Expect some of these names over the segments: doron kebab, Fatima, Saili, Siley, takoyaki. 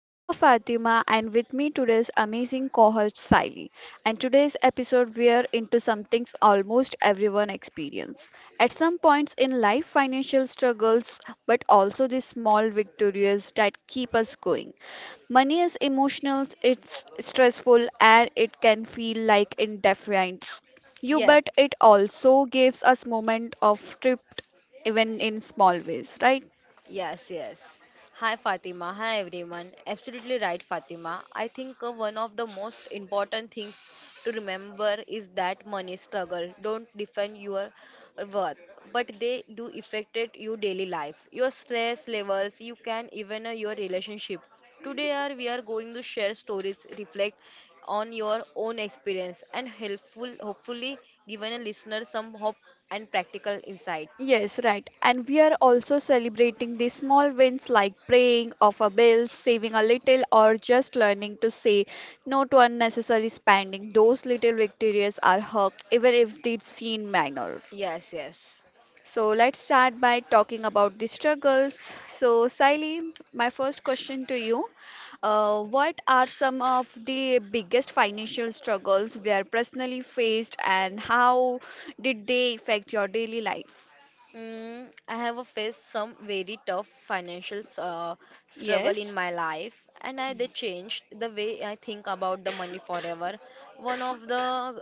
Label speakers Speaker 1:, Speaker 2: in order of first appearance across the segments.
Speaker 1: I'm your Fatima, and with me today's amazing co-host Siley. And today's episode, we are into something almost everyone experience at some points in life, financial struggles, but also the small victories that keep us going. Money is emotional, it's stressful, and it can feel like indifference. You
Speaker 2: Yeah,
Speaker 1: bet it also gives us moment of trip even in small ways, right?
Speaker 2: yes. Hi Fatima, hi everyone. Absolutely right, Fatima. I think one of the most important things to remember is that money struggle don't define your worth, but they do affect your daily life, your stress levels, you can even your relationship. Today, are we are going to share stories, reflect on your own experience, and helpful, hopefully, given a listener some hope and practical insight.
Speaker 1: Yes, right. And we are also celebrating the small wins like praying, off a bill, saving a little, or just learning to say no to unnecessary spending. Those little victories are hugged, even if they seem minor.
Speaker 2: Yes, yes.
Speaker 1: So let's start by talking about the struggles. So, Saili, my first question to you. What are some of the biggest financial struggles we are personally faced, and how did they affect your daily life?
Speaker 2: I have faced some very tough financial struggle in
Speaker 1: Yes.
Speaker 2: my life, and I they changed the way I think about the money forever. One of the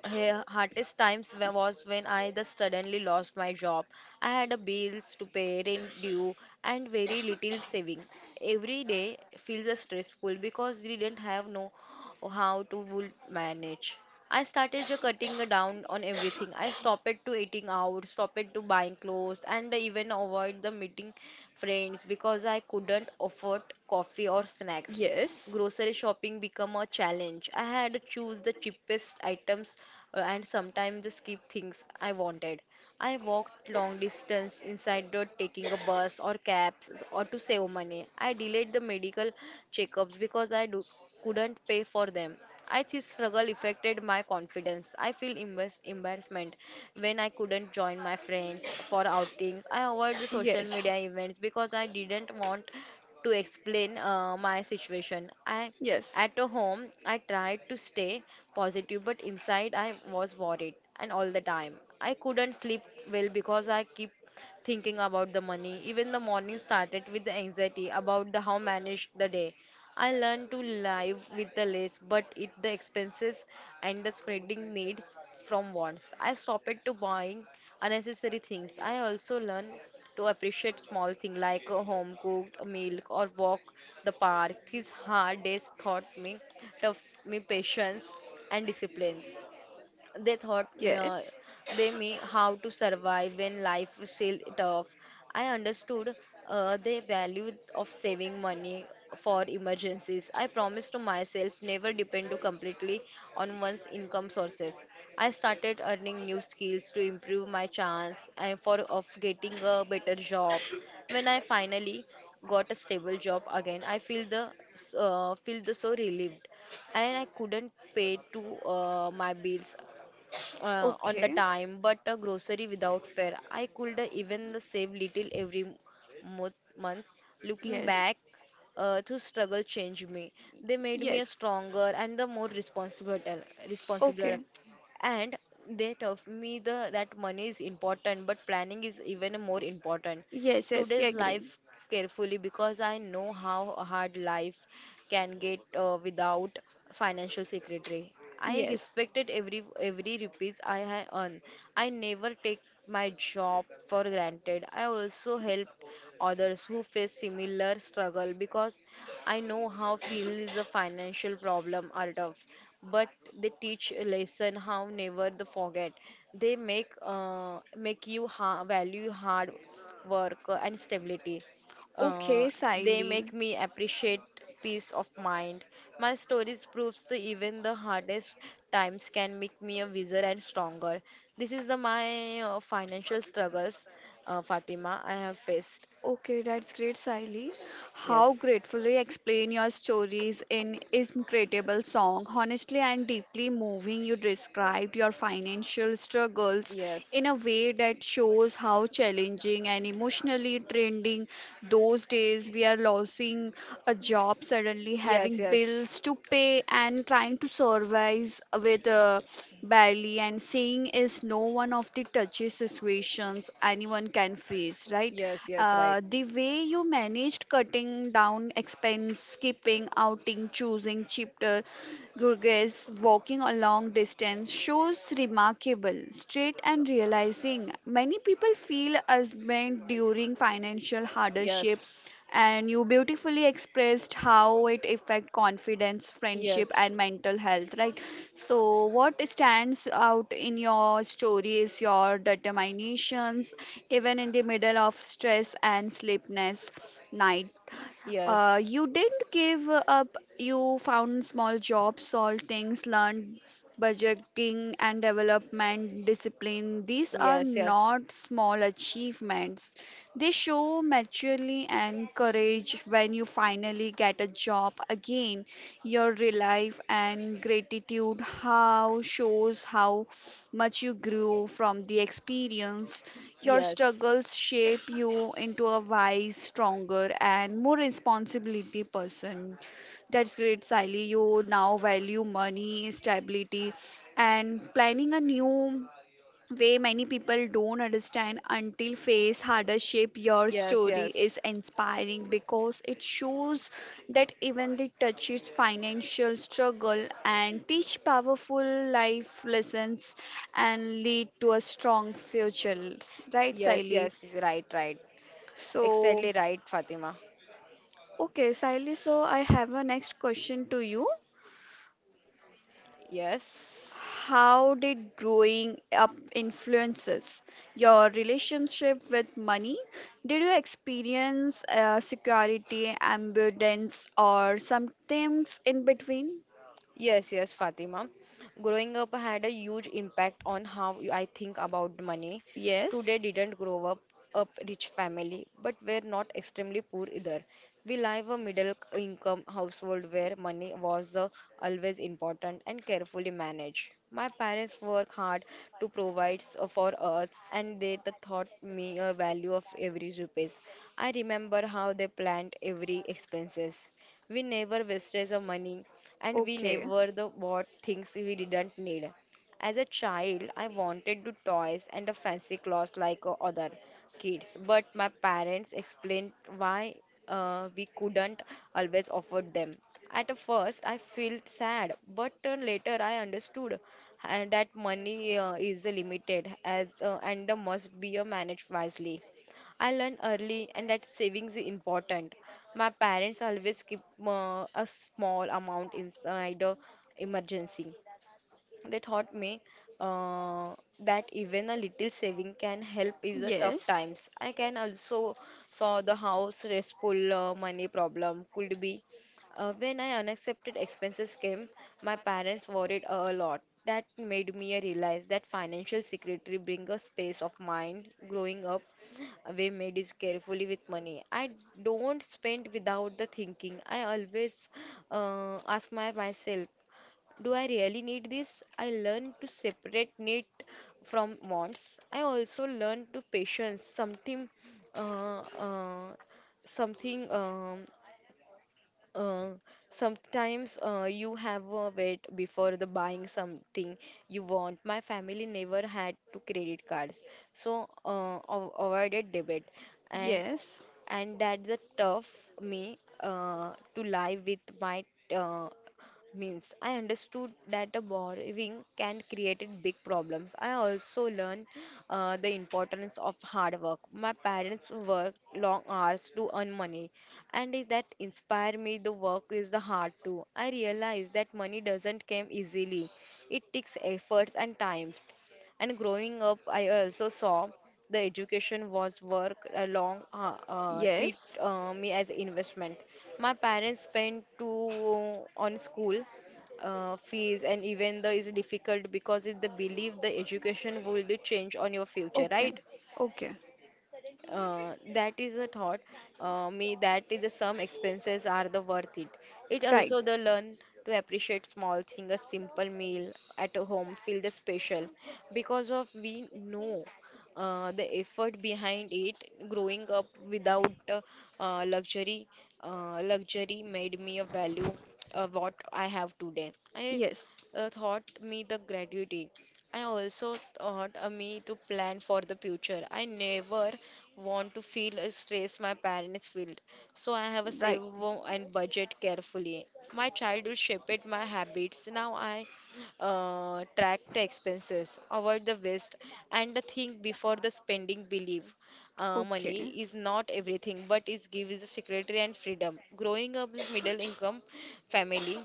Speaker 2: hardest times was when I just suddenly lost my job. I had a bills to pay, rent due, and very little saving. Every day feels stressful because we didn't have no or how to would manage. I started just cutting down on everything. I stopped it to eating out, stopped it to buying clothes, and even avoid the meeting friends because I couldn't afford coffee or snacks.
Speaker 1: Yes.
Speaker 2: Grocery shopping became a challenge. I had to choose the cheapest items and sometimes skip things I wanted. I walked long distance inside not taking a bus or cabs or to save money. I delayed the medical checkups because couldn't pay for them. I this struggle affected my confidence. I feel embarrassment when I couldn't join my friends for outings. I avoid the social media events because I didn't want to explain my situation. I
Speaker 1: Yes, yes.
Speaker 2: at home, I tried to stay positive, but inside I was worried and all the time. I couldn't sleep well because I keep thinking about the money. Even the morning started with the anxiety about the how manage the day. I learned to live with the less, but it the expenses and the spreading needs from wants. I stopped to buying unnecessary things. I also learned to appreciate small things like a home cooked meal or walk the park. These hard days taught me tough me patience and discipline. They taught me,
Speaker 1: Yes.
Speaker 2: they me how to survive when life was still tough. I understood the value of saving money for emergencies. I promised to myself never depend to completely on one's income sources. I started earning new skills to improve my chance and for of getting a better job. When I finally got a stable job again, I feel the so relieved and I couldn't pay to my bills on the
Speaker 1: Okay.
Speaker 2: time, but a grocery without fare. I could even save little every mo- month. Looking
Speaker 1: Yes.
Speaker 2: back, through struggle changed me. They made me a
Speaker 1: Yes.
Speaker 2: stronger and the more responsible.
Speaker 1: Okay.
Speaker 2: And they taught me the that money is important, but planning is even more important
Speaker 1: Yes, yes, yeah,
Speaker 2: today's
Speaker 1: agree.
Speaker 2: life carefully because I know how hard life can get without financial secretary. I
Speaker 1: Yes.
Speaker 2: respected every rupees I had earned. I never take my job for granted. I also helped others who face similar struggle because I know how feels a financial problem are tough. But they teach a lesson how never the forget. They make make you value hard work, and stability. Uh,
Speaker 1: Okay,
Speaker 2: they make
Speaker 1: Siley.
Speaker 2: me appreciate peace of mind. My stories proves that even the hardest times can make me a wiser and stronger. This is the, my financial struggles, Fatima, I have faced.
Speaker 1: Okay, that's great, Siley. How
Speaker 2: Yes,
Speaker 1: gratefully explain your stories in incredible song. Honestly and deeply moving, you described your financial struggles
Speaker 2: yes,
Speaker 1: in a way that shows how challenging and emotionally trending those days we are losing a job suddenly
Speaker 2: yes,
Speaker 1: having
Speaker 2: yes,
Speaker 1: bills to pay day and trying to survive with, barely and seeing is no one of the touchiest situations anyone can face, right?
Speaker 2: yes, yes, right.
Speaker 1: The way you managed cutting down expense skipping outing choosing cheaper Gurgis walking a long distance shows remarkable, straight and realizing. Many people feel ashamed during financial hardship
Speaker 2: Yes,
Speaker 1: and you beautifully expressed how it affect confidence friendship
Speaker 2: yes,
Speaker 1: and mental health, right? So what stands out in your story is your determinations even in the middle of stress and sleepless night.
Speaker 2: yes,
Speaker 1: You didn't give up. You found small jobs, solved things, learned budgeting and development discipline. These are
Speaker 2: yes, yes,
Speaker 1: not small achievements. They show maturity and courage when you finally get a job again. Your relief and gratitude how shows how much you grew from the experience. Your
Speaker 2: yes.
Speaker 1: struggles shape you into a wise, stronger, and more responsibility person. That's great, Sally. You now value money, stability, and planning a new way many people don't understand until face hardship. Your
Speaker 2: Yes,
Speaker 1: story
Speaker 2: yes.
Speaker 1: is inspiring because it shows that even the touches financial struggle and teach powerful life lessons and lead to a strong future, right,
Speaker 2: Yes,
Speaker 1: Siley?
Speaker 2: yes, right, right.
Speaker 1: So
Speaker 2: Exactly right, Fatima.
Speaker 1: okay, Siley, so I have a next question to you.
Speaker 2: Yes,
Speaker 1: How did growing up influences your relationship with money? Did you experience security, abundance, or something in between?
Speaker 2: yes, yes, Fatima. Growing up had a huge impact on how I think about money. Today
Speaker 1: Yes.
Speaker 2: didn't grow up rich family but were not extremely poor either. We live a middle income household where money was always important and carefully managed. My parents work hard to provide for us, and they taught me a value of every rupees. I remember how they planned every expenses. We never wasted the money, and we
Speaker 1: Okay.
Speaker 2: never the bought things we didn't need. As a child, I wanted to toys and a fancy clothes like other kids, but my parents explained why we couldn't always afford them. At a first, I felt sad, but later I understood that money is limited as and must be managed wisely. I learned early and that savings is important. My parents always keep a small amount inside emergency. They taught me, uh, that even a little saving can help in the tough
Speaker 1: Yes.
Speaker 2: times. I can also saw the how stressful money problem could be. When I unaccepted expenses came, my parents worried a lot. That made me realize that financial secretary bring a space of mind. Growing up, we made is carefully with money. I don't spend without the thinking. I always ask my myself do I really need this? I learned to separate need from wants. I also learned to patience, uh, uh, something, um, uh, sometimes you have a wait before the buying something you want. My family never had to credit cards, so avoided debit, and
Speaker 1: Yes.
Speaker 2: and that's the tough me to live with my uh, means. I understood that a borrowing can create a big problems. I also learned the importance of hard work. My parents worked long hours to earn money, and is that inspired me. The work is the hard too. I realized that money doesn't come easily. It takes efforts and times. And growing up, I also saw the education was work along treat
Speaker 1: Yes.
Speaker 2: me as investment. My parents spent too on school fees, and even though it's difficult because it's the belief the education will be change on your future,
Speaker 1: Okay.
Speaker 2: right?
Speaker 1: Okay.
Speaker 2: That is the thought. Me that is the some expenses are the worth it. It
Speaker 1: Right.
Speaker 2: also the learn to appreciate small thing, a simple meal at a home feel the special because of we know the effort behind it. Growing up without uh, luxury, luxury made me a value what I have today. I
Speaker 1: Yes.
Speaker 2: taught me the gratitude. I also taught me to plan for the future. I never want to feel a stress my parents feel. So I have a
Speaker 1: Right.
Speaker 2: save and budget carefully. My childhood shaped my habits. Now I track the expenses, avoid the waste, and the think before the spending. Believe money
Speaker 1: Okay.
Speaker 2: is not everything, but it gives security and freedom. Growing up with middle income family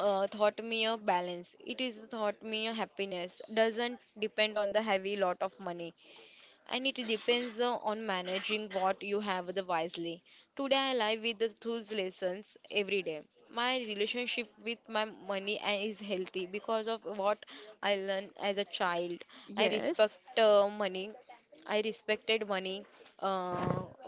Speaker 2: taught me a balance. It is taught me a happiness. Doesn't depend on the heavy lot of money, and it depends on managing what you have the wisely. Today I live with the those lessons every day. My relationship with my money and is healthy because of what I learned as a child. I
Speaker 1: Yes.
Speaker 2: respect money. I respected money uh,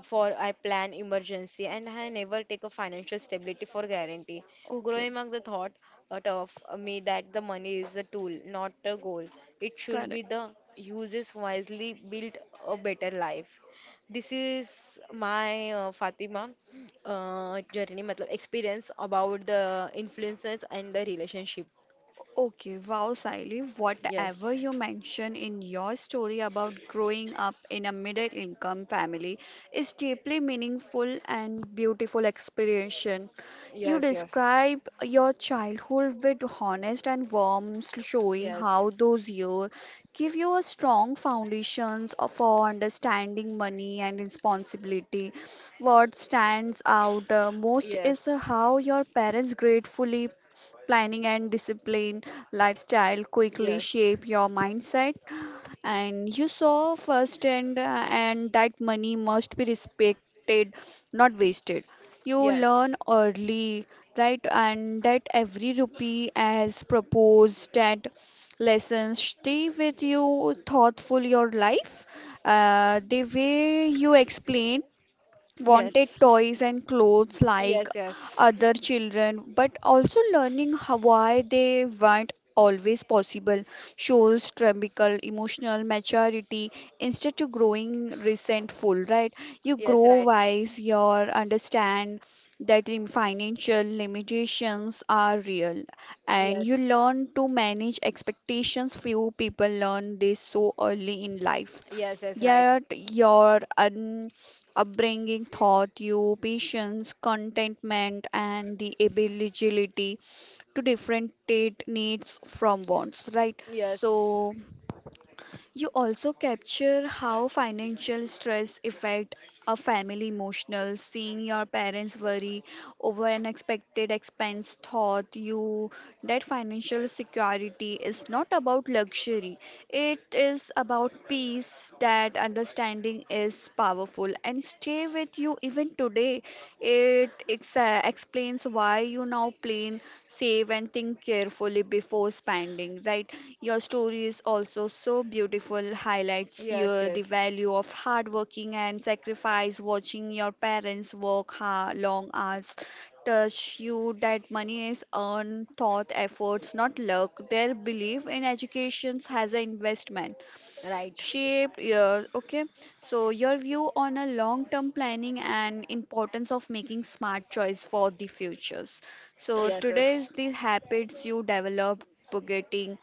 Speaker 2: for I plan emergency, and I never take a financial stability for guarantee.
Speaker 1: Okay,
Speaker 2: Growing up the thought out of me that the money is a tool, not a goal. It should be
Speaker 1: correct.
Speaker 2: the uses wisely, build a better life. This is my Fatima journey, matlab, experience about the influences and the relationship.
Speaker 1: Okay, wow, Saili,
Speaker 2: Yes,
Speaker 1: whatever you mention in your story about growing up in a middle income family is deeply meaningful and beautiful experience. You
Speaker 2: yes, yes,
Speaker 1: describe your childhood with honest and warmth, showing
Speaker 2: yes,
Speaker 1: how those years give you a strong foundations of- for understanding money and responsibility. What stands out most is
Speaker 2: yes,
Speaker 1: how your parents gratefully planning and discipline lifestyle quickly
Speaker 2: yes,
Speaker 1: shape your mindset and you saw firsthand, and that money must be respected not wasted. You
Speaker 2: yes,
Speaker 1: learn early, right? And that every rupee as proposed that lessons stay with you thoughtful your life. The way you explain wanted
Speaker 2: yes,
Speaker 1: toys and clothes like
Speaker 2: yes, yes,
Speaker 1: other children, but also learning how, why they weren't always possible shows typical emotional maturity instead of growing resentful, right? You
Speaker 2: yes,
Speaker 1: grow
Speaker 2: right,
Speaker 1: wise, you understand that in financial limitations are real and you
Speaker 2: yes,
Speaker 1: learn to manage expectations. Few people learn this so early in life,
Speaker 2: yes, yes, right.
Speaker 1: yet your upbringing taught you patience, contentment, and the ability to differentiate needs from wants, right?
Speaker 2: Yes,
Speaker 1: So, you also capture how financial stress affect a family emotional. Seeing your parents worry over an expected expense taught you that financial security is not about luxury. It is about peace. That understanding is powerful and stay with you even today. It explains why you now plan time, save and think carefully before spending, right? Your story is also so beautiful, highlights
Speaker 2: yes,
Speaker 1: your, the
Speaker 2: yes,
Speaker 1: value of hard working and sacrifice, watching your parents work hard, long hours touch you that money is earned thought efforts not luck. Their belief in education as an investment
Speaker 2: right.
Speaker 1: shaped your, okay, so your view on a long term planning and importance of making smart choice for the futures. So
Speaker 2: Yes,
Speaker 1: today's
Speaker 2: yes,
Speaker 1: the habits you develop budgeting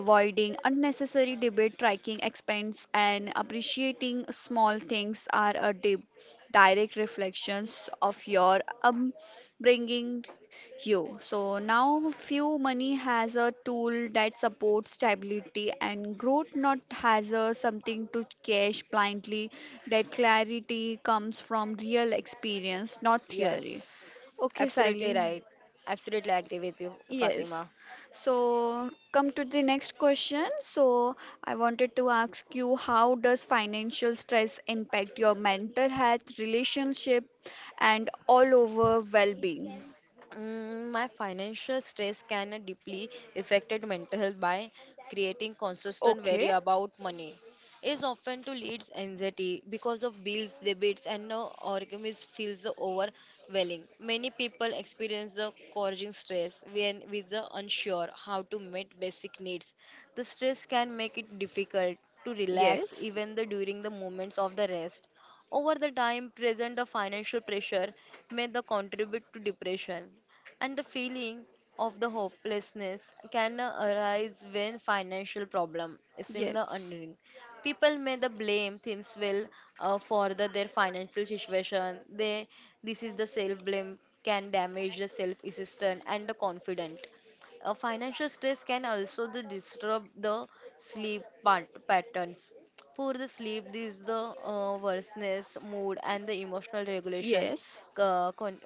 Speaker 1: avoiding unnecessary debate tracking expense and appreciating small things are a deep direct reflections of your upbringing you. So now few money has a tool that supports stability and growth not has a something to cash blindly. That clarity comes from real experience not theory.
Speaker 2: yes.
Speaker 1: Okay,
Speaker 2: Absolutely
Speaker 1: Siley.
Speaker 2: right. Absolutely agree with you,
Speaker 1: Yes.
Speaker 2: Fatima.
Speaker 1: So come to the next question. So I wanted to ask you how does financial stress impact your mental health, relationship and all over well-being?
Speaker 2: My financial stress can deeply affected mental health by creating consistent worry
Speaker 1: Okay.
Speaker 2: about money. Is often to leads anxiety because of bills, debits, and no organism feels overwhelming. Many people experience the causing stress when with the unsure how to meet basic needs. The stress can make it difficult to relax
Speaker 1: Yes.
Speaker 2: even the during the moments of the rest. Over the time, present the financial pressure may the contribute to depression, and the feeling of the hopelessness can arise when financial problem seem the
Speaker 1: Yes.
Speaker 2: unending. People may the blame themselves well for their financial situation. They this is the self blame can damage the self esteem and the confident. Financial stress can also the disturb the sleep patterns. For the sleep, this is the worseness, mood, and the emotional regulation
Speaker 1: Yes.
Speaker 2: co- con-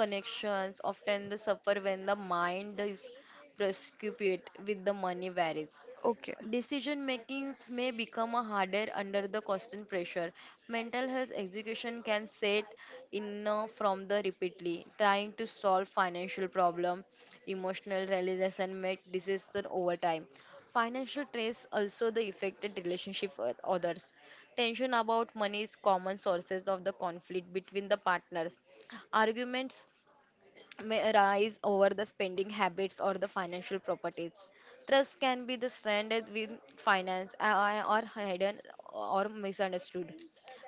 Speaker 2: connections often the suffer when the mind is preoccupied with the money worries.
Speaker 1: Okay.
Speaker 2: Decision makings may become a harder under the constant pressure. Mental health education can set in from the repeatedly trying to solve financial problem, emotional realization make disease over time. Financial stress also the affected relationship with others. Tension about money is common sources of the conflict between the partners. Arguments may arise over the spending habits or the financial properties. Trust can be the stranded with finance or hidden or misunderstood.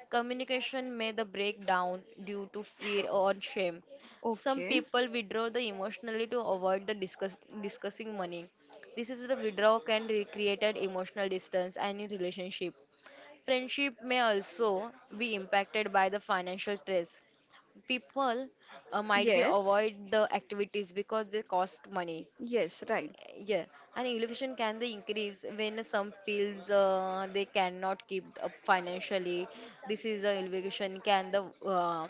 Speaker 2: Communication may the break down due to fear or shame. Some
Speaker 1: Okay.
Speaker 2: people withdraw the emotionally to avoid the discussing money. This is the withdrawal can create an emotional distance and in relationship. Friendship may also be impacted by the financial stress. People might be
Speaker 1: Yes.
Speaker 2: avoid the activities because they cost money,
Speaker 1: Yes, right.
Speaker 2: yeah, and elevation can they increase when some fields they cannot keep up financially. This is the elevation can the uh,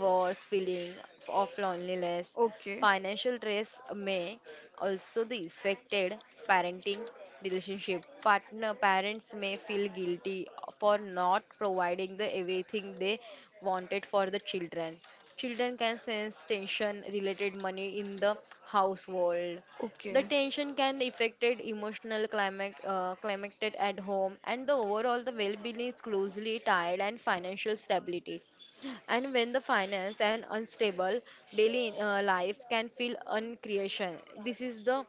Speaker 2: worse feeling of loneliness.
Speaker 1: Okay.
Speaker 2: Financial stress may also the affected parenting relationship. Partner parents may feel guilty for not providing the everything they wanted for the children. Children can sense tension related money in the household. The
Speaker 1: Okay.
Speaker 2: tension can affected emotional climate at home, and the overall the well-being is closely tied and financial stability. And when the finance and unstable daily life can feel uncreation, this is the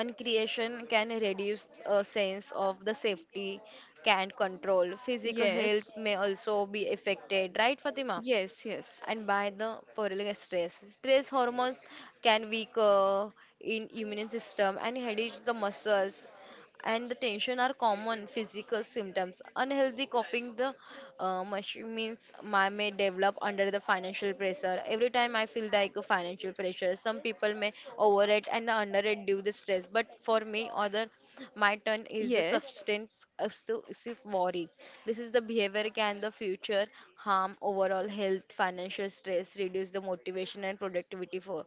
Speaker 2: uncreation can reduce a sense of the safety can control. Physical health
Speaker 1: Yes.
Speaker 2: may also be affected, right, Fatima?
Speaker 1: Yes, yes.
Speaker 2: And by the prolonged stress. Stress hormones can weaken in immune system and headache the muscles and the tension are common physical symptoms. Unhealthy coping the much means my may develop under the financial pressure. Every time I feel like a financial pressure, some people may overrate and underrate due the stress. But for me, other my turn is the
Speaker 1: Yes.
Speaker 2: substance obsessive worry. This is the behavior can the future harm overall health. Financial stress, reduce the motivation and productivity for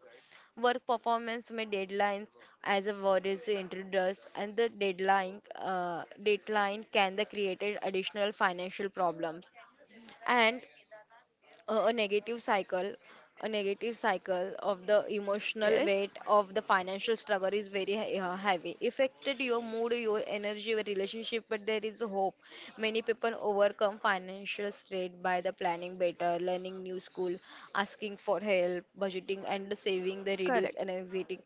Speaker 2: work performance may deadlines as a word is introduced and the deadline can the create additional financial problems and a negative cycle. Of the emotional
Speaker 1: Yes.
Speaker 2: weight of the financial struggle is very heavy affected your mood, your energy, your relationship. But there is hope. Many people overcome financial strain by the planning better, learning new school, asking for help. Budgeting and saving the reduce
Speaker 1: Correct.
Speaker 2: anxiety,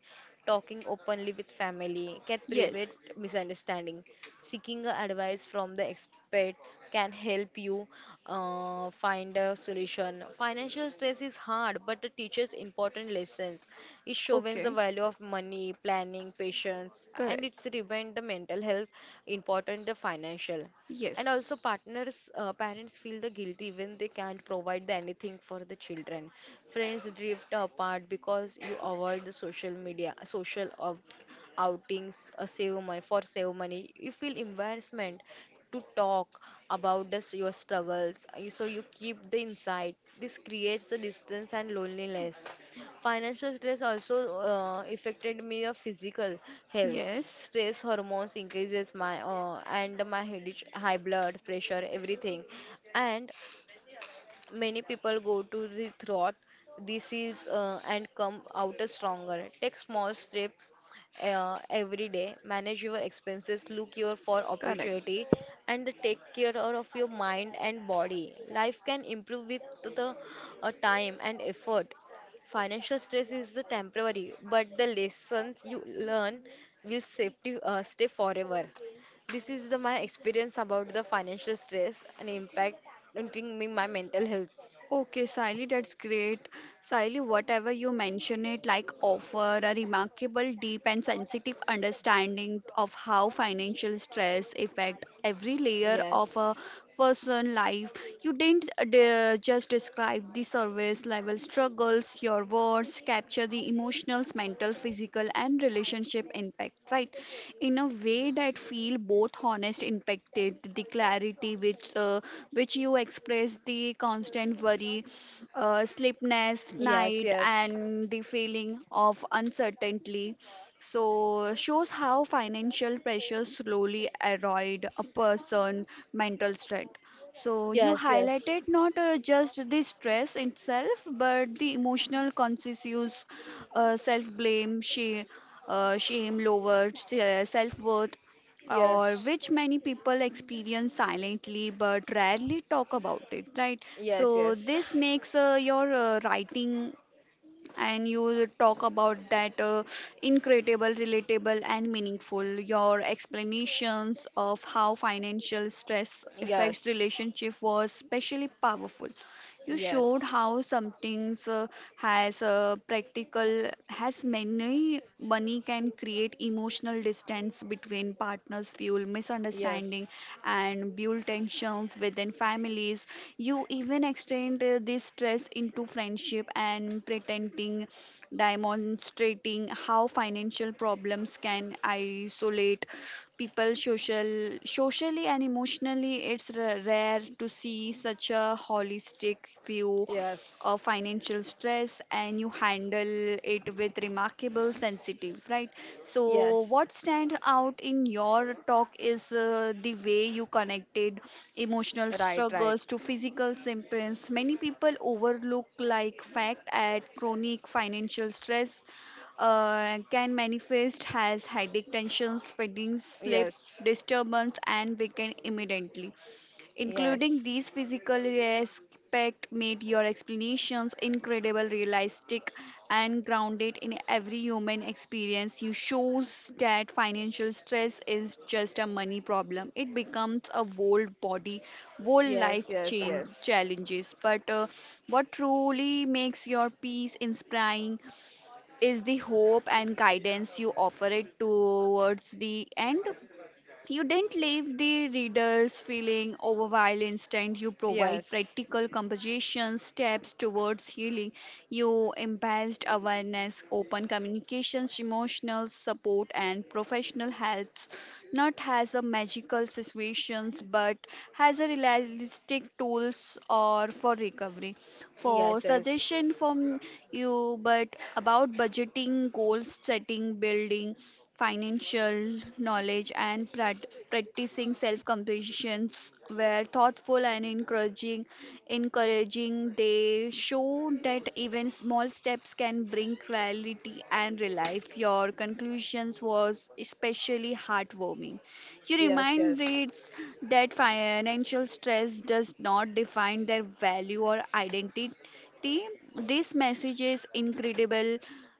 Speaker 2: talking openly with family can prevent
Speaker 1: Yes.
Speaker 2: misunderstanding. Seeking advice from the expert can help you find a solution. Financial stress is hard, but it teaches important lessons. It shows the
Speaker 1: Okay.
Speaker 2: value of money, planning, patience, and
Speaker 1: Correct.
Speaker 2: it's remind the mental health important the financial. And
Speaker 1: Yes.
Speaker 2: also, parents feel the guilty when they can't provide the anything for the children. Friends drift apart because you avoid the social media, social of outings. Save money for save money. You feel embarrassment to talk about this, your struggles. So you keep the insight this creates the distance and loneliness. Financial stress also affected me of physical health.
Speaker 1: Yes.
Speaker 2: Stress hormones increases my and my headache, high blood pressure, everything. And many people go to the throat. This is and come out a stronger. Take small step every day, manage your expenses, look your for
Speaker 1: Correct.
Speaker 2: opportunity and take care of your mind and body. Life can improve with the time and effort. Financial stress is the temporary, but the lessons you learn will stay forever. This is the my experience about the financial stress and impacting me my mental health.
Speaker 1: Okay, Sally, that's great. Sally, whatever you mention it, like offer a remarkable, deep, and sensitive understanding of how financial stress affect every layer of a
Speaker 2: Yes.
Speaker 1: person life. You didn't just describe the service level struggles, your words capture the emotional, mental, physical, and relationship impact, right? In a way that feel both honest, impacted, the clarity which you express, the constant worry, sleepless
Speaker 2: Yes,
Speaker 1: night,
Speaker 2: yes.
Speaker 1: and the feeling of uncertainty so shows how financial pressure slowly erode a person' mental strength. So you
Speaker 2: Yes, yes.
Speaker 1: highlighted not just the stress itself, but the emotional conscious, self-blame, shame, lower self-worth, or
Speaker 2: Yes.
Speaker 1: which many people experience silently but rarely talk about it, right?
Speaker 2: Yes,
Speaker 1: So
Speaker 2: yes.
Speaker 1: this makes your writing and you talk about that, incredible relatable and meaningful. Your explanations of how financial stress affects
Speaker 2: Yes.
Speaker 1: relationship was especially powerful. You
Speaker 2: Yes.
Speaker 1: showed how something, has a practical, has many money can create emotional distance between partners, fuel
Speaker 2: Yes.
Speaker 1: misunderstanding, and build tensions within families. You even extend this stress into friendship and pretending, demonstrating how financial problems can isolate people social well, socially and emotionally. It's rare to see such a holistic view
Speaker 2: Yes.
Speaker 1: of financial stress, and you handle it with remarkable sensitive, right? So,
Speaker 2: Yes.
Speaker 1: what stands out in your talk is, the way you connected emotional
Speaker 2: Right, right.
Speaker 1: struggles to physical symptoms. Many people overlook like fact at chronic financial stress can manifest as headache, tensions, fatigue, sleep
Speaker 2: Yes.
Speaker 1: disturbance, and weaken immediately. Including
Speaker 2: Yes.
Speaker 1: these physical aspects made your explanations incredible, realistic, and grounded in every human experience. You shows that financial stress is just a money problem. It becomes a whole body, whole
Speaker 2: Yes,
Speaker 1: life
Speaker 2: yes,
Speaker 1: change
Speaker 2: yes.
Speaker 1: challenges. But what truly makes your peace inspiring? Is the hope and guidance you offer it towards the end. You didn't leave the readers feeling overwhelmed. Instead, you provide
Speaker 2: Yes.
Speaker 1: practical composition steps towards healing. You embraced awareness, open communications, emotional support, and professional helps, not as a magical situations, but as a realistic tools or for recovery. For
Speaker 2: Yes, yes.
Speaker 1: suggestion from you, but about budgeting, goal setting, building financial knowledge and practicing self-compassion were thoughtful and encouraging. They show that even small steps can bring clarity and relief. Your conclusions was especially heartwarming. You
Speaker 2: Yes,
Speaker 1: remind
Speaker 2: yes.
Speaker 1: reads that financial stress does not define their value or identity, Shruti. This message is incredibly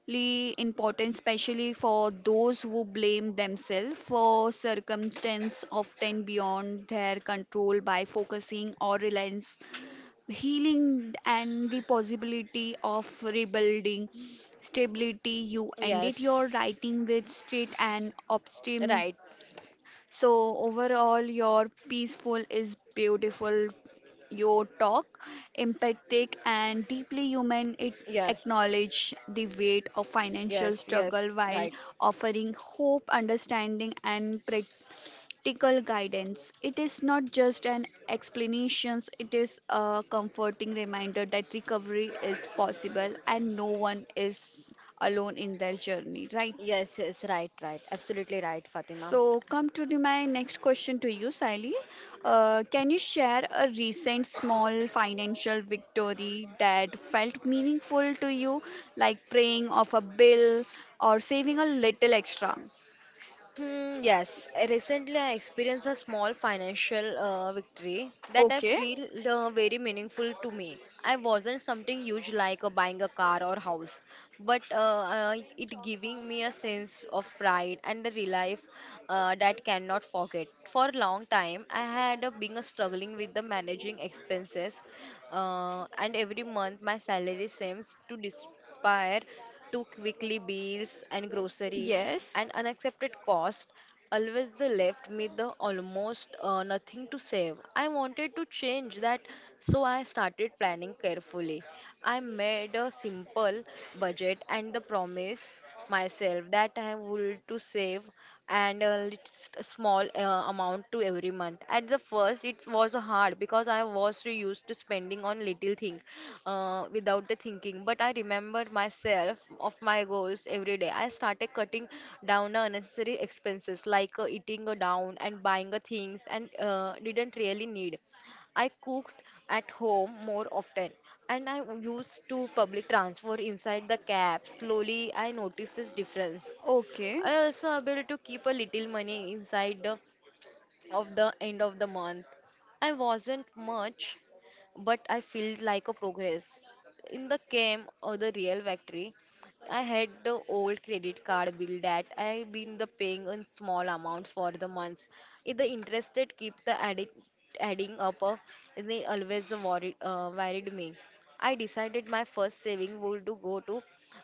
Speaker 1: important, especially for those who blame themselves for circumstances often beyond their control by focusing or reliance, healing, and the possibility of rebuilding stability. You ended your
Speaker 2: Yes.
Speaker 1: writing with straight and optimism.
Speaker 2: Right.
Speaker 1: So, overall, your peaceful is beautiful. Your talk, empathic and deeply human, it
Speaker 2: Yes.
Speaker 1: acknowledge the weight of financial
Speaker 2: Yes, yes.
Speaker 1: struggle while
Speaker 2: Right.
Speaker 1: offering hope, understanding, and practical guidance. It is not just an explanation, it is a comforting reminder that recovery is possible and no one is alone in their journey, right?
Speaker 2: Yes, yes. Right, right. Absolutely right, Fatima.
Speaker 1: So, come to the- my next question to you, Sally. Can you share a recent small financial victory that felt meaningful to you, like paying off a bill or saving a little extra?
Speaker 2: Hmm, yes, recently I experienced a small financial victory that I
Speaker 1: Okay.
Speaker 2: feel very meaningful to me. I wasn't something huge like buying a car or house, but it giving me a sense of pride and a relief that cannot forget. For a long time, I had been struggling with the managing expenses, and every month my salary seems to disappear to quickly bills and grocery
Speaker 1: Yes.
Speaker 2: and unaccepted cost always the left me the almost nothing to save. I wanted to change that, so I started planning carefully. I made a simple budget and the promise myself that I would to save and a little small amount to every month. At the first, it was hard because I was so used to spending on little thing without the thinking. But I remembered myself of my goals every day. I started cutting down the unnecessary expenses like eating down and buying things and didn't really need. I cooked at home more often and I used to public transport inside the cab. Slowly, I noticed this difference.
Speaker 1: Okay.
Speaker 2: I also able to keep a little money inside of the end of the month. I wasn't much, but I felt like a progress. In the camp or the real factory, I had the old credit card bill that I've been the paying in small amounts for the months. If the interest rate keep the adding up, they always worried me. I decided my first saving would to go to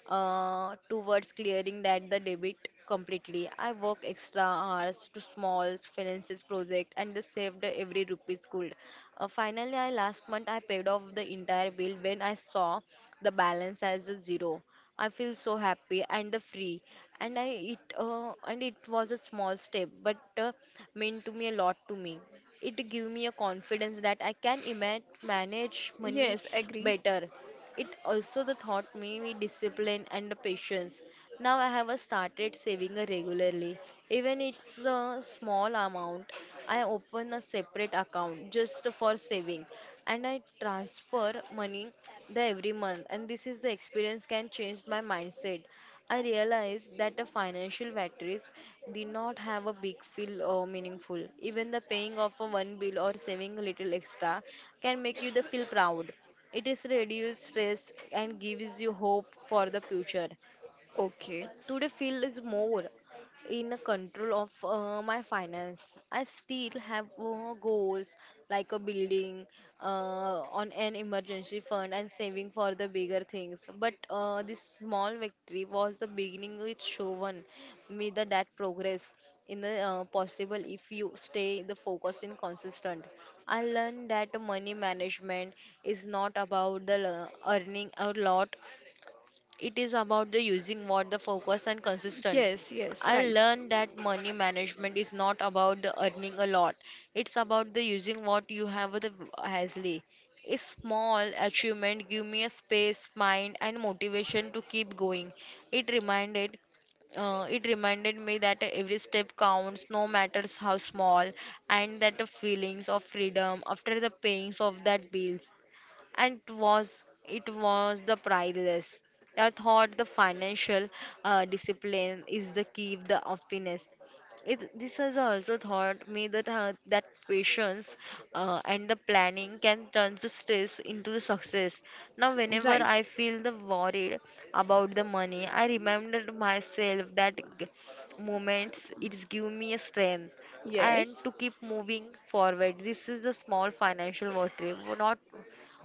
Speaker 2: towards clearing that the debit completely. I worked extra hours to small finances project and the saved every rupee could. Finally, I last month I paid off the entire bill when I saw the balance as a zero. I feel so happy and the free, and I it and it was a small step, but meant to me a lot to me. It give me a confidence that I can manage money
Speaker 1: Yes, agree.
Speaker 2: better. It also the taught me discipline and the patience. Now I have a started saving a regularly. Even it's a small amount, I open a separate account just for saving and I transfer money the every month. And this is the experience can change my mindset. I realized that the financial matrix did not have a big feel or meaningful. Even the paying off a one bill or saving a little extra can make you the feel proud. It is reduce stress and gives you hope for the future.
Speaker 1: Okay.
Speaker 2: Today feel is more in a control of my finance. I still have goals like a building on an emergency fund and saving for the bigger things. But this small victory was the beginning. It shown me the, that progress in the possible if you stay the focus and consistent. I learned that money management is not about the earning a lot. It is about the using what the focus and consistent.
Speaker 1: Yes, yes,
Speaker 2: I
Speaker 1: right.
Speaker 2: learned that money management is not about the earning a lot. It's about the using what you have with the wisely. A small achievement give me a space, mind, and motivation to keep going. It reminded it Reminded me that every step counts, no matters how small, and that the feelings of freedom after the pains of that bill and was it was the priceless. I thought the financial discipline is the key of the happiness. It, this has also taught me that that patience and the planning can turn the stress into the success. Now, whenever
Speaker 1: Right.
Speaker 2: I feel the worried about the money, I remembered myself that moments it give me a strength and
Speaker 1: Yes.
Speaker 2: to keep moving forward. This is a small financial victory, not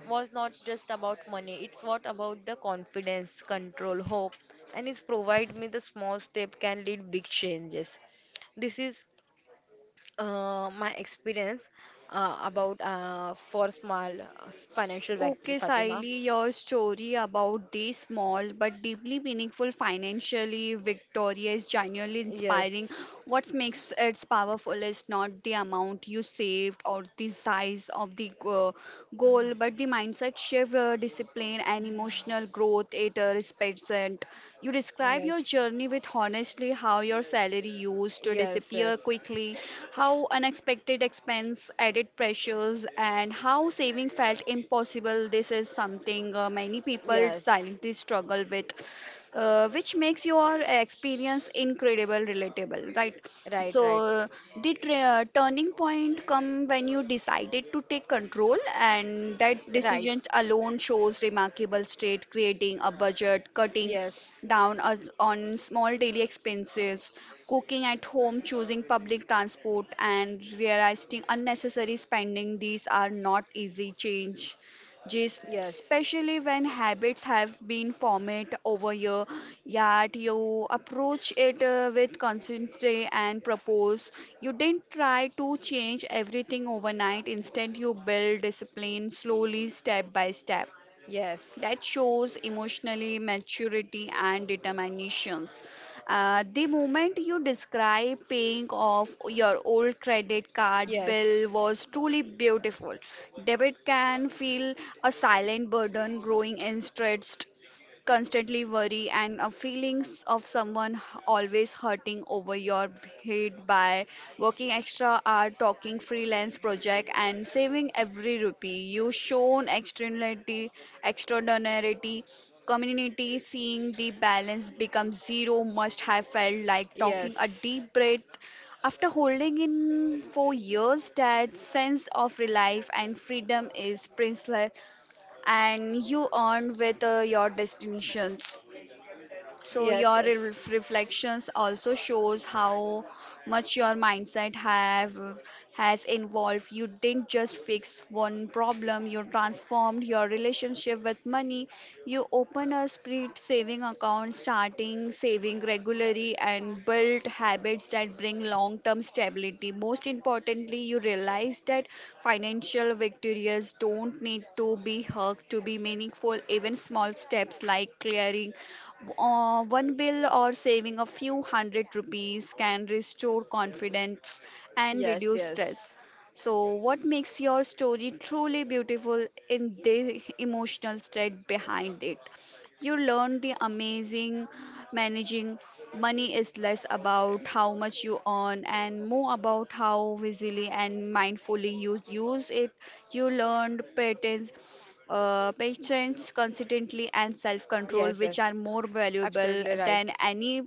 Speaker 2: was not just about money. It's what about the confidence, control, hope, and it's provide me the small step can lead big changes. This is my experience about for small financial victory,
Speaker 1: Okay,
Speaker 2: Fatima.
Speaker 1: Saili, your story about these small but deeply meaningful financially Victoria is genuinely inspiring.
Speaker 2: Yes,
Speaker 1: What makes it powerful is not the amount you saved or the size of the goal, but the mindset shift, discipline, and emotional growth it represents. You describe your
Speaker 2: yes.
Speaker 1: journey with honestly how your salary used to
Speaker 2: Yes,
Speaker 1: disappear
Speaker 2: yes.
Speaker 1: quickly, how unexpected expense added pressures, and how saving felt impossible possible. This is something, many people
Speaker 2: Yes,
Speaker 1: silently struggle with, which makes your experience incredible, relatable, right?
Speaker 2: right, right.
Speaker 1: So, the turning point come when you decided to take control, and that
Speaker 2: Right.
Speaker 1: decision alone shows remarkable state, creating a budget, cutting
Speaker 2: Yes,
Speaker 1: down on small daily expenses, cooking at home, choosing public transport, and realizing unnecessary spending. These are not easy change just
Speaker 2: yes.
Speaker 1: especially when habits have been formed over year, yet you approach it with consistency and propose. You didn't try to change everything overnight. Instead, you build discipline slowly, step by step
Speaker 2: Yes,
Speaker 1: that shows emotionally maturity and determinations. The moment you describe paying off your old credit card
Speaker 2: yes,
Speaker 1: bill was truly beautiful. Debit can feel a silent burden growing in stress constantly worry and a feelings of someone always hurting over your head by working extra hour talking freelance project and saving every rupee you shown externality extraordinarity community seeing the balance become zero must have felt like talking a
Speaker 2: yes,
Speaker 1: deep breath after holding in for years that sense of relief and freedom is priceless and you earn with your destinations. So
Speaker 2: yes.
Speaker 1: your
Speaker 2: Yes,
Speaker 1: reflections also shows how much your mindset have has involved. You didn't just fix one problem, you transformed your relationship with money. You open a split saving account, starting saving regularly and built habits that bring long-term stability. Most importantly, you realize that financial victories don't need to be hugged to be meaningful. Even small steps like clearing one bill or saving a few hundred rupees can restore confidence and
Speaker 2: yes.
Speaker 1: reduce stress.
Speaker 2: Yes,
Speaker 1: So, what makes your story truly beautiful in the emotional thread behind it? You learn the amazing managing money is less about how much you earn and more about how wisely and mindfully you use it. You learned patterns patience, consistency, and self control,
Speaker 2: yes.
Speaker 1: which
Speaker 2: yes.
Speaker 1: are more valuable
Speaker 2: Absolutely right.
Speaker 1: than any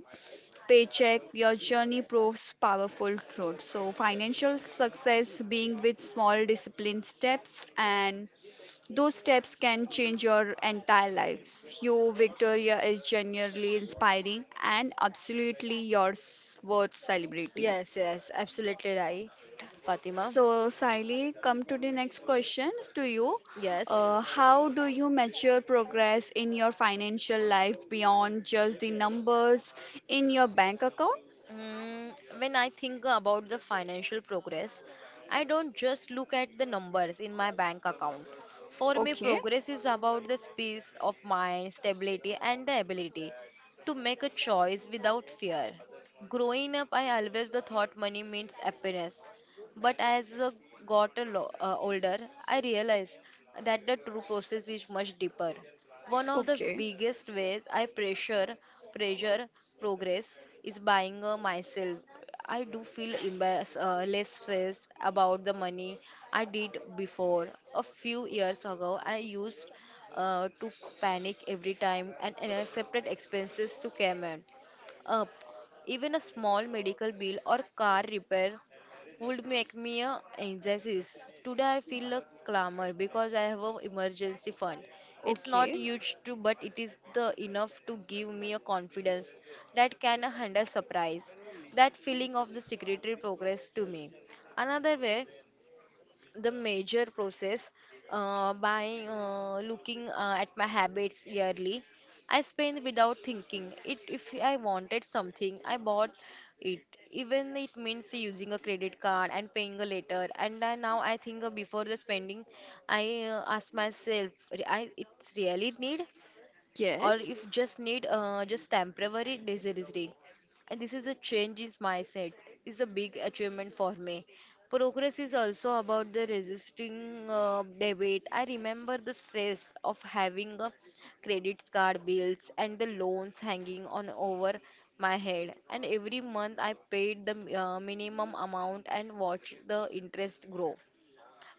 Speaker 1: paycheck, your journey proves powerful truth. So, financial success being with small disciplined steps, and those steps can change your entire life. You, Victoria, is genuinely inspiring and absolutely your worth celebrating.
Speaker 2: Yes, yes. Absolutely right, Fatima.
Speaker 1: So, Siley, come to the next question to you.
Speaker 2: Yes.
Speaker 1: How do you measure progress in your financial life beyond just the numbers in your bank account?
Speaker 2: Mm, when I think about the financial progress, I don't just look at the numbers in my bank account. For me,
Speaker 1: Okay,
Speaker 2: progress is about the peace of mind, stability, and the ability to make a choice without fear. Growing up, I always the thought money means happiness, but as I got a older, I realized that the true process is much deeper. One of the
Speaker 1: okay,
Speaker 2: biggest ways I pressure progress is buying myself. I do feel embarrassed, less stressed about the money I did before. A few years ago, I used to panic every time and unaccepted expenses to come in up. Even a small medical bill or car repair would make me a anxious. Today I feel a clamor because I have a emergency fund. It's not
Speaker 1: okay.
Speaker 2: huge too, but it is the enough to give me a confidence that can handle surprise. That feeling of the secretary progress to me. Another way the major process by looking at my habits yearly. I spend without thinking. It if I wanted something, I bought it. Even it means using a credit card and paying a later. And I, now I think before the spending, I ask myself, I it's really need or
Speaker 1: Yes,
Speaker 2: if just need just temporary disability. And this is the change in mindset. Is a big achievement for me. Progress is also about the resisting debit. I remember the stress of having a credit card bills and the loans hanging on over my head. And every month I paid the minimum amount and watched the interest grow.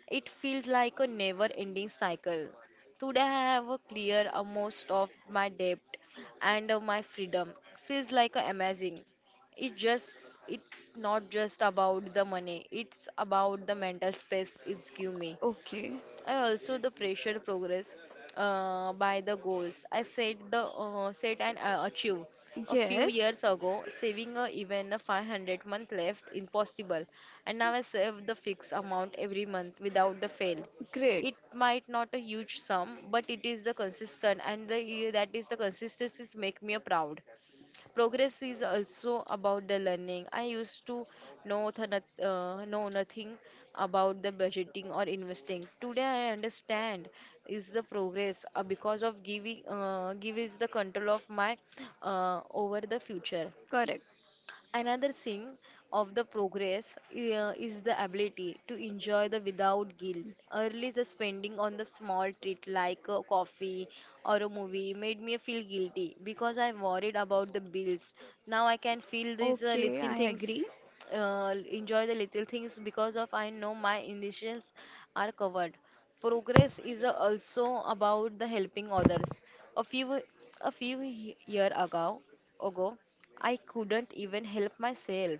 Speaker 2: It feels like a never ending cycle. Today I have a clear most of my debt and my freedom. Feels like amazing. It just it's not just about the money. It's about the mental space it's give me.
Speaker 1: okay,
Speaker 2: I also the pressure progress by the goals. I set the set and achieve. A few
Speaker 1: yes,
Speaker 2: years ago, saving even a 500-month left impossible, and now I save the fixed amount every month without the fail.
Speaker 1: great,
Speaker 2: It might not a huge sum, but it is the consistent, and the that is the consistency make me proud. Progress is also about the learning. I used to know nothing about the budgeting or investing. Today I understand is the progress because of giving give is the control of my over the future.
Speaker 1: correct.
Speaker 2: Another thing of the progress is the ability to enjoy the without guilt. Early, the spending on the small treat like a coffee or a movie made me feel guilty because I worried about the bills. Now I can feel these
Speaker 1: Okay,
Speaker 2: little
Speaker 1: I
Speaker 2: things,
Speaker 1: agree.
Speaker 2: enjoy the little things because of I know my initials are covered. Progress is also about the helping others. A few a few year ago, I couldn't even help myself.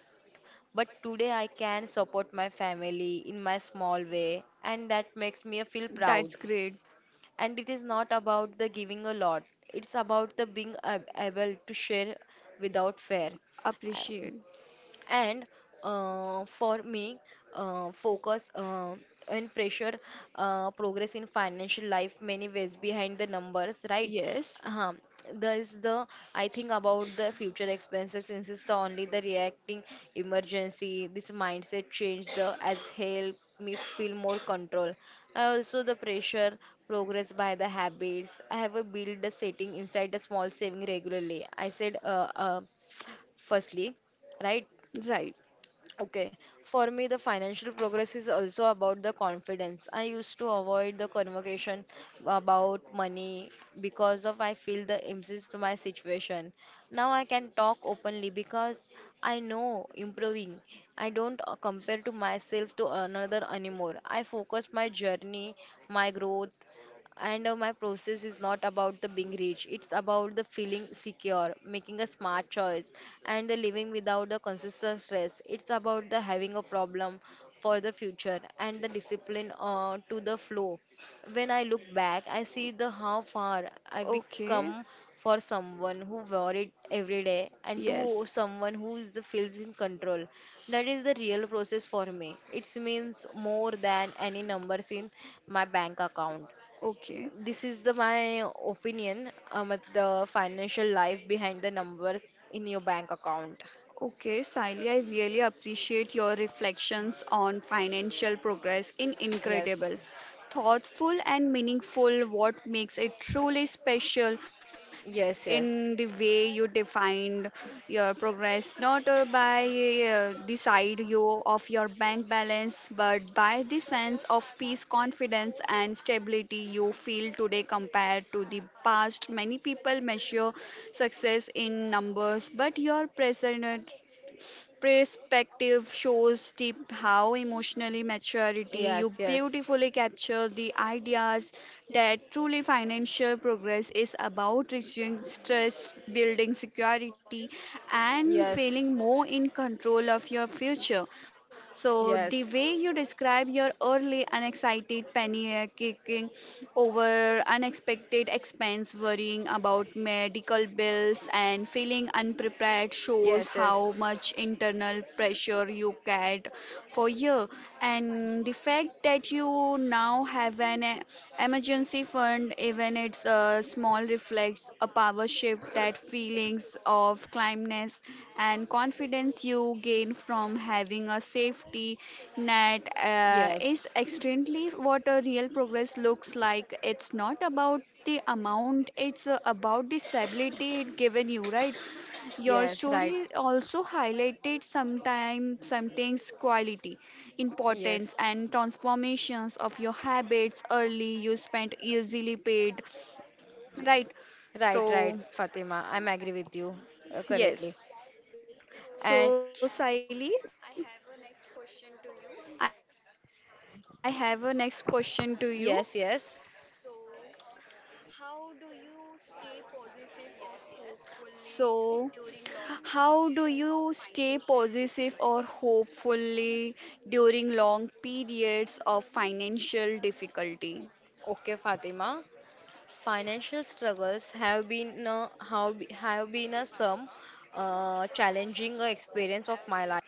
Speaker 2: But today I can support my family in my small way, and that makes me feel
Speaker 1: That's
Speaker 2: proud.
Speaker 1: great.
Speaker 2: And it is not about the giving a lot, it's about the being able to share without fear
Speaker 1: Appreciate.
Speaker 2: and for me focus and pressure progress in financial life many ways behind the numbers, right.
Speaker 1: Yes,
Speaker 2: uh, there is the I think about the future expenses insist only the reacting emergency. This mindset change the as help me feel more control. I also the pressure progress by the habits I have a build the setting inside the small saving regularly I said firstly, right.
Speaker 1: right.
Speaker 2: Okay, for me, the financial progress is also about the confidence. I used to avoid the conversation about money because of I feel the imbalance to my situation. Now I can talk openly because I know improving. I don't compare to myself to another anymore. I focus my journey, my growth, and my process is not about the being rich. It's about the feeling secure, making a smart choice, and the living without the consistent stress. It's about the having a problem for the future and the discipline to the flow. When I look back I see the how far I
Speaker 1: Okay,
Speaker 2: become. For someone who worried every day and to
Speaker 1: yes.
Speaker 2: someone who is, feels in control, that is the real process. For me it means more than any numbers in my bank account.
Speaker 1: Okay.
Speaker 2: This is the my opinion about the financial life behind the numbers in your bank account.
Speaker 1: Okay, Sailia, I really appreciate your reflections on financial progress in
Speaker 2: Yes,
Speaker 1: incredible, thoughtful and meaningful what makes it truly special in the
Speaker 2: yes, yes,
Speaker 1: way you defined your progress, not by the side you of your bank balance, but by the sense of peace, confidence, and stability you feel today compared to the past. Many people measure success in numbers, but your present perspective shows deep how emotionally maturity you
Speaker 2: yes, yes,
Speaker 1: beautifully capture the ideas that truly financial progress is about reducing stress building security and feeling
Speaker 2: yes,
Speaker 1: more in control of your future so the way
Speaker 2: yes,
Speaker 1: you describe your early unexcited panic kicking over unexpected expense, worrying about medical bills and feeling unprepared shows
Speaker 2: yes, yes,
Speaker 1: how much internal pressure you carried for years. And the fact that you now have an emergency fund, even it's a small, reflects a power shift that feelings of calmness and confidence you gain from having a safety net is
Speaker 2: yes,
Speaker 1: extremely what a real progress looks like. It's not about the amount, it's about the stability it given you, right? Your
Speaker 2: yes, right,
Speaker 1: story also highlighted sometimes something's quality, importance
Speaker 2: yes,
Speaker 1: and transformations of your habits early you spent easily paid. Right.
Speaker 2: right, right,
Speaker 1: So
Speaker 2: Fatima. I'm agree with you correctly.
Speaker 1: yes.
Speaker 2: And
Speaker 1: So Siley, I have a next question to you.
Speaker 2: yes, yes,
Speaker 1: So how do you stay positive or hopefully during long periods of financial difficulty?
Speaker 2: okay, Fatima. Financial struggles have been a some challenging experience of my life.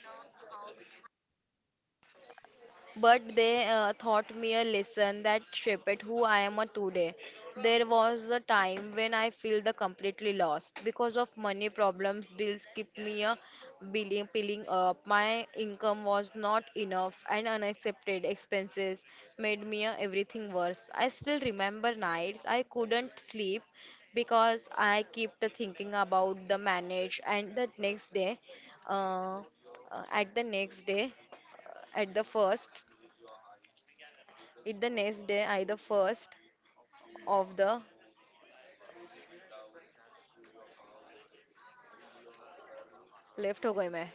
Speaker 2: But they taught me a lesson that shaped who I am a today. There was a time when I feel the completely lost because of money problems. Bills kept me a piling up. My income was not enough, and unaccepted expenses made me everything worse. I still remember nights I couldn't sleep because I kept thinking about the manage and the next day. Uh, at the next day at the first it the next day, I the first of the left gourmet.